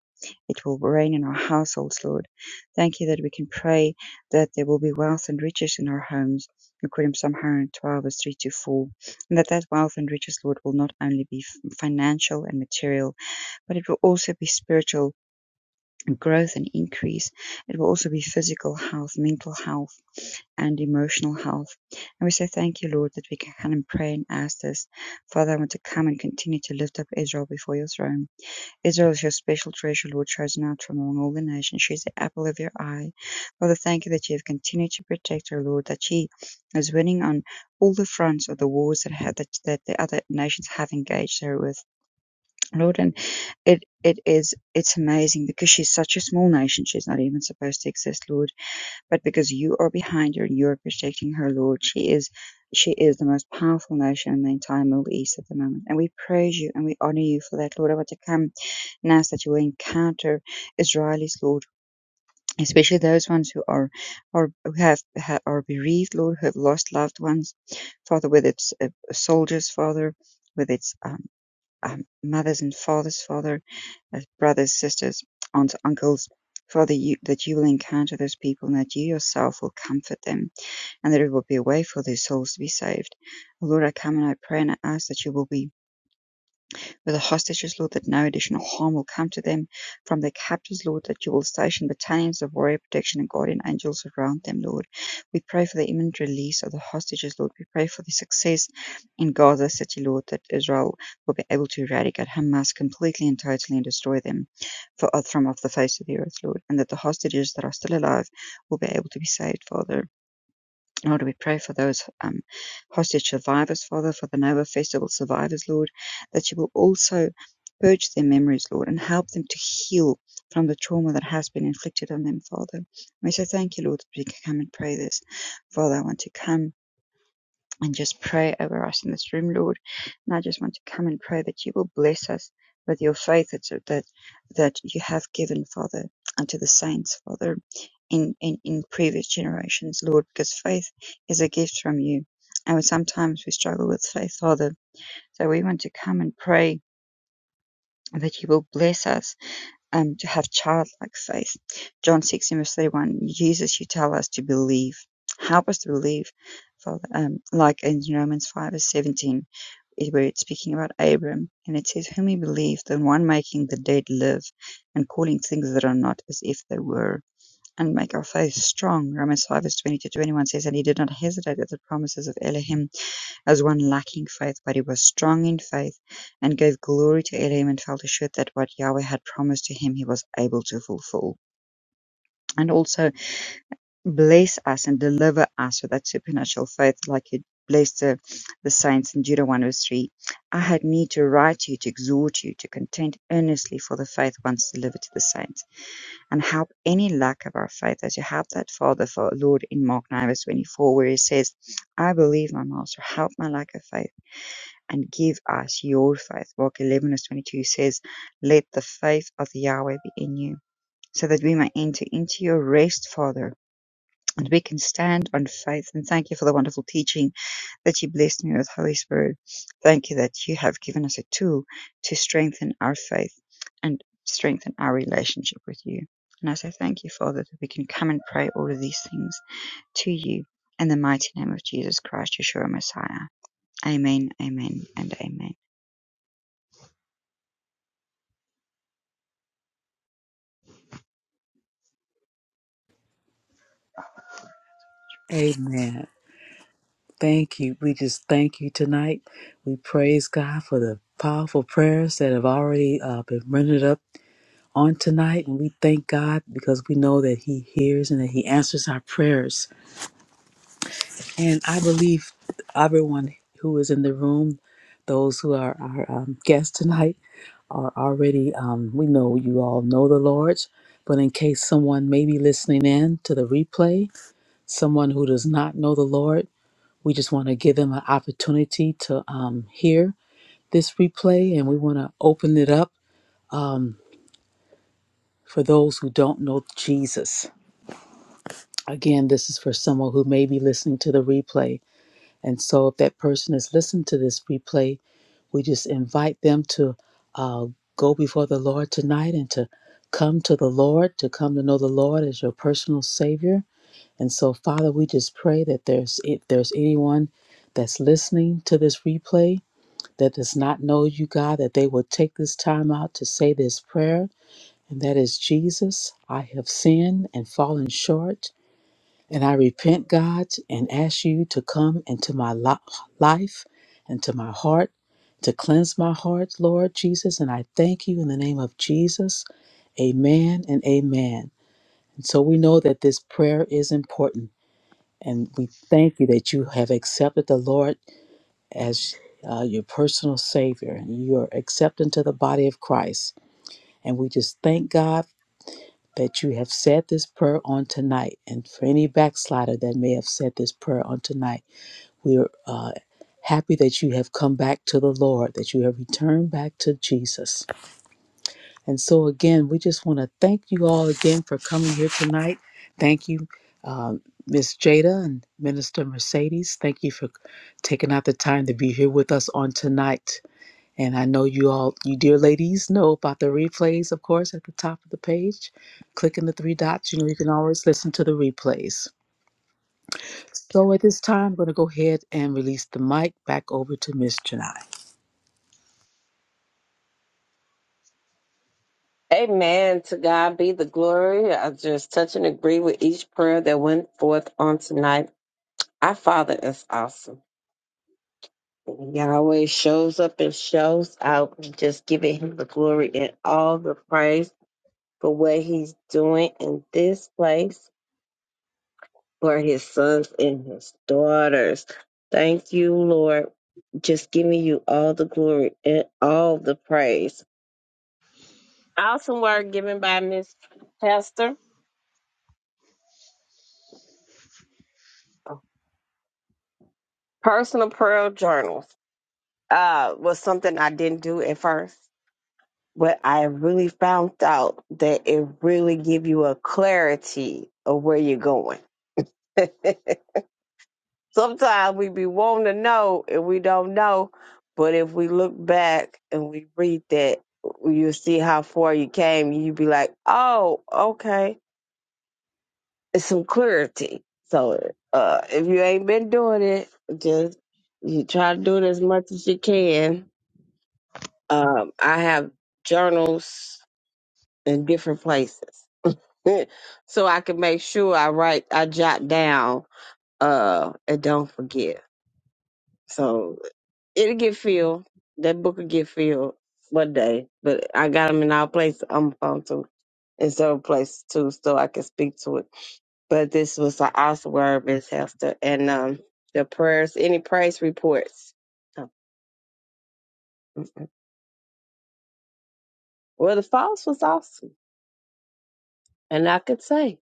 It will reign in our households, Lord. Thank you that we can pray that there will be wealth and riches in our homes, according to Psalm 112, verse 3 to 4. And that that wealth and riches, Lord, will not only be financial and material, but it will also be spiritual growth and increase. It will also be physical health, mental health. And emotional health. And we say thank you, Lord, that we can come and pray and ask this. Father, I want to come and continue to lift up Israel before your throne. Israel is your special treasure, Lord, chosen out from among all the nations. She is the apple of your eye. Father, thank you that you have continued to protect her, Lord, that she is winning on all the fronts of the wars that, ha- that, that the other nations have engaged her with. Lord, and it, it is, it's amazing because she's such a small nation. She's not even supposed to exist, Lord but because you are behind her and you are protecting her, Lord. She is she is the most powerful nation in the entire Middle East at the moment. And we praise you and we honor you for that, Lord. I want to come now so that you will encounter Israelis, Lord, especially those ones who are are who have, ha are bereaved, Lord, who have lost loved ones, Father, whether it's uh, soldiers, Father. Whether it's um, um, mother's and father's father, uh, brothers, sisters, aunts, uncles. Father, you, that you will encounter those people and that you yourself will comfort them and that it will be a way for their souls to be saved. Lord, I come and I pray and I ask that you will be with the hostages Lord, that no additional harm will come to them from their captors, Lord, that you will station battalions of warrior protection and guardian angels around them, Lord. We pray for the imminent release of the hostages, Lord. We pray for the success in Gaza City, Lord, that Israel will be able to eradicate Hamas completely and totally and destroy them for, from off the face of the earth, Lord, and that the hostages that are still alive will be able to be saved, Father. Lord, we pray for those um, hostage survivors, Father, for the Nova Festival survivors, Lord, that you will also purge their memories, Lord, and help them to heal from the trauma that has been inflicted on them, Father. We say thank you, Lord, that we can come and pray this. Father, I want to come and just pray over us in this room, Lord. And I just want to come and pray that you will bless us with your faith that that, that you have given, Father, unto the saints, Father, in, in, in previous generations, Lord, because faith is a gift from you. And sometimes we struggle with faith, Father. So we want to come and pray that you will bless us um, to have childlike faith. John 16, verse 31, Jesus, you tell us to believe. Help us to believe. Father, um, like in Romans 5, verse 17, where it's speaking about Abram, and it says, Whom he believed, the one making the dead live, and calling things that are not as if they were. And make our faith strong. Romans 5 verse 20 to 21 says, And he did not hesitate at the promises of Elohim as one lacking faith, but he was strong in faith and gave glory to Elohim and felt assured that what Yahweh had promised to him, he was able to fulfill. And also bless us and deliver us with that supernatural faith, like you blessed the, the saints in Judah 1 verse 3. I had need to write to you to exhort you to contend earnestly for the faith once delivered to the saints, and help any lack of our faith as you help that Father for Lord in Mark 9 verse 24, where he says, I believe, my master, help my lack of faith and give us your faith. While eleven verse twenty two says, Let the faith of Yahweh be in you, so that we may enter into your rest, Father, and we can stand on faith. And thank you for the wonderful teaching that you blessed me with, Holy Spirit. Thank you that you have given us a tool to strengthen our faith and strengthen our relationship with you. And I say thank you, Father, that we can come and pray all of these things to you in the mighty name of Jesus Christ, Yeshua Messiah. Amen, amen, and amen.
Amen. Thank you. We just thank you tonight. We praise God for the powerful prayers that have already uh, been rendered up on tonight and we thank God because we know that he hears and that he answers our prayers. And I believe everyone who is in the room, those who are our um, guests tonight, are already, um, we know you all know the Lord. But in case someone may be listening in to the replay, someone who does not know the Lord, we just want to give them an opportunity to um, hear this replay and we want to open it up um, for those who don't know Jesus Again, this is for someone who may be listening to the replay. And so, if that person is listening to this replay, we just invite them to uh, go before the Lord tonight and to come to the Lord, to come to know the Lord as your personal Savior. And so, Father, we just pray that there's if there's anyone that's listening to this replay that does not know you, God, that they will take this time out to say this prayer, and that is, Jesus, I have sinned and fallen short. And I repent, God, and ask you to come into my li- life, into my heart, to cleanse my heart, Lord Jesus. And I thank you in the name of Jesus. Amen and amen. And so we know that this prayer is important. And we thank you that you have accepted the Lord as uh, your personal Savior and you are accepted into the body of Christ. And we just thank God that you have said this prayer on tonight. And for any backslider that may have said this prayer on tonight, We're uh, happy that you have come back to the Lord, that you have returned back to Jesus. And so, again, we just want to thank you all again for coming here tonight. Thank you, um, Miss Jada and Minister Mercedes. Thank you for taking out the time to be here with us on tonight. And I know you all, you dear ladies, know about the replays, of course, at the top of the page. Clicking the three dots, you know, you can always listen to the replays. So at this time, I'm going to go ahead and release the mic back over to Miss Janai.
Amen. To God be the glory. I just touch and agree with each prayer that went forth on tonight. Our Father is awesome. He always shows up and shows out. We just giving him the glory and all the praise for what he's doing in this place for his sons and his daughters. Thank you, Lord. Just giving you all the glory and all the praise. Awesome word given by Miss Pastor. Personal prayer journals. uh, was something I didn't do at first, but I really found out that it really give you a clarity of where you're going. Sometimes we be wanting to know and we don't know, but if we look back and we read that, you see how far you came. You be like, oh, okay, it's some clarity. So uh, if you ain't been doing it, just you try to do it as much as you can Um, I have journals in different places, so I can make sure I write, I jot down, uh, and don't forget. So it'll get filled. That book will get filled one day, but I got them in our place on my phone too, in several places too, so I can speak to it. But this was an awesome word, Miss Hester, and um, the prayers, any praise reports. Oh, mm-mm. Well, the false was awesome, and I could say.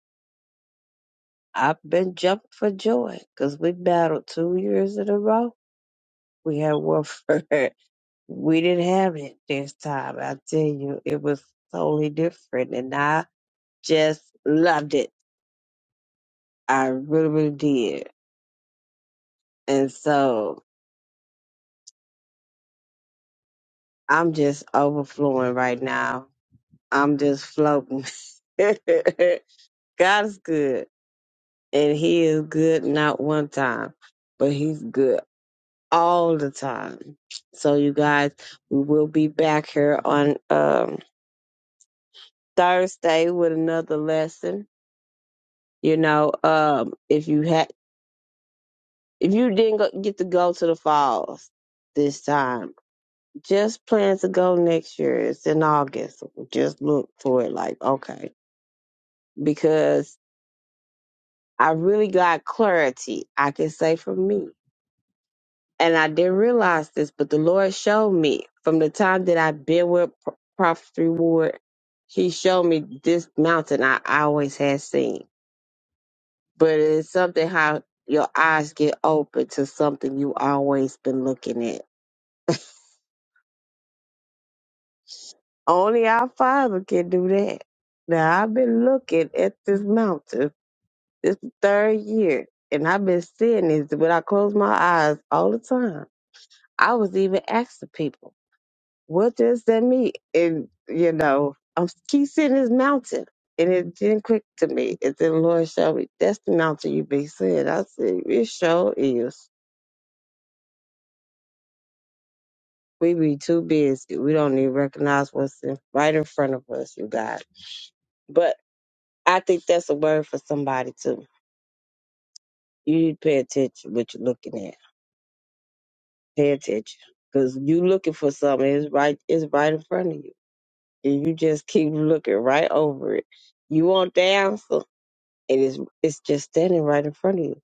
I've been jumping for joy because we battled two years in a row. We had Wilford. we didn't have it this time. I tell you, it was totally different, and I just loved it. I really, really did. And so I'm just overflowing right now. I'm just floating. God is good, and He is good not one time, but He's good all the time. So you guys, we will be back here on um Thursday with another lesson. You know, um if you had if you didn't go, get to go to the falls this time, just plan to go next year. It's in August. Just look for it like, okay, because I really got clarity. I can say for me and I didn't realize this, but the Lord showed me from the time that I've been with Pro- Prophet Reward, He showed me this mountain I always had seen. But it's something how your eyes get open to something you always been looking at. Only our Father can do that. Now I've been looking at this mountain this third year, and I've been seeing this when I close my eyes all the time. I was even asking people. what does that mean? And you know, I'm keep seeing this mountain, and it didn't click to me. And then Lord showed me that's the mountain you be seeing. I said, it sure is. We be too busy. We don't even recognize what's in, right in front of us, you guys. But I think that's a word for somebody too. You need to pay attention what you're looking at. Pay attention. Cause you looking for something, it's right it's right in front of you. And you just keep looking right over it. You want the answer? It is it's just standing right in front of you.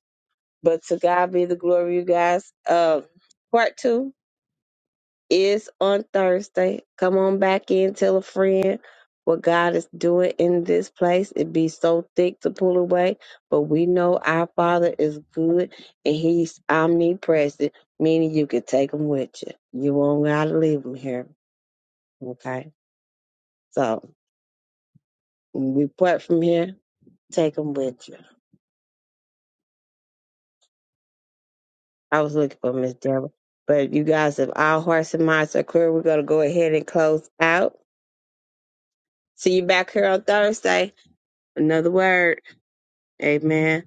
But to God be the glory, you guys. Um, part two is on Thursday. Come on back in, tell a friend what God is doing in this place. It be so thick to pull away, but we know our Father is good and He's omnipresent, meaning you can take Him with you. You won't gotta leave Him here. Okay, so when we part from here, take Him with you. I was looking for Miss Deborah. But you guys, if all hearts and minds are clear, we're gonna go ahead and close out. See you back here on Thursday. Another word. Amen.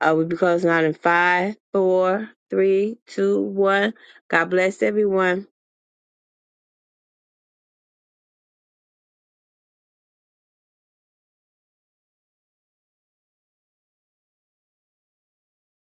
Uh, we'll be closing out in five, four, three, two, one. God bless everyone.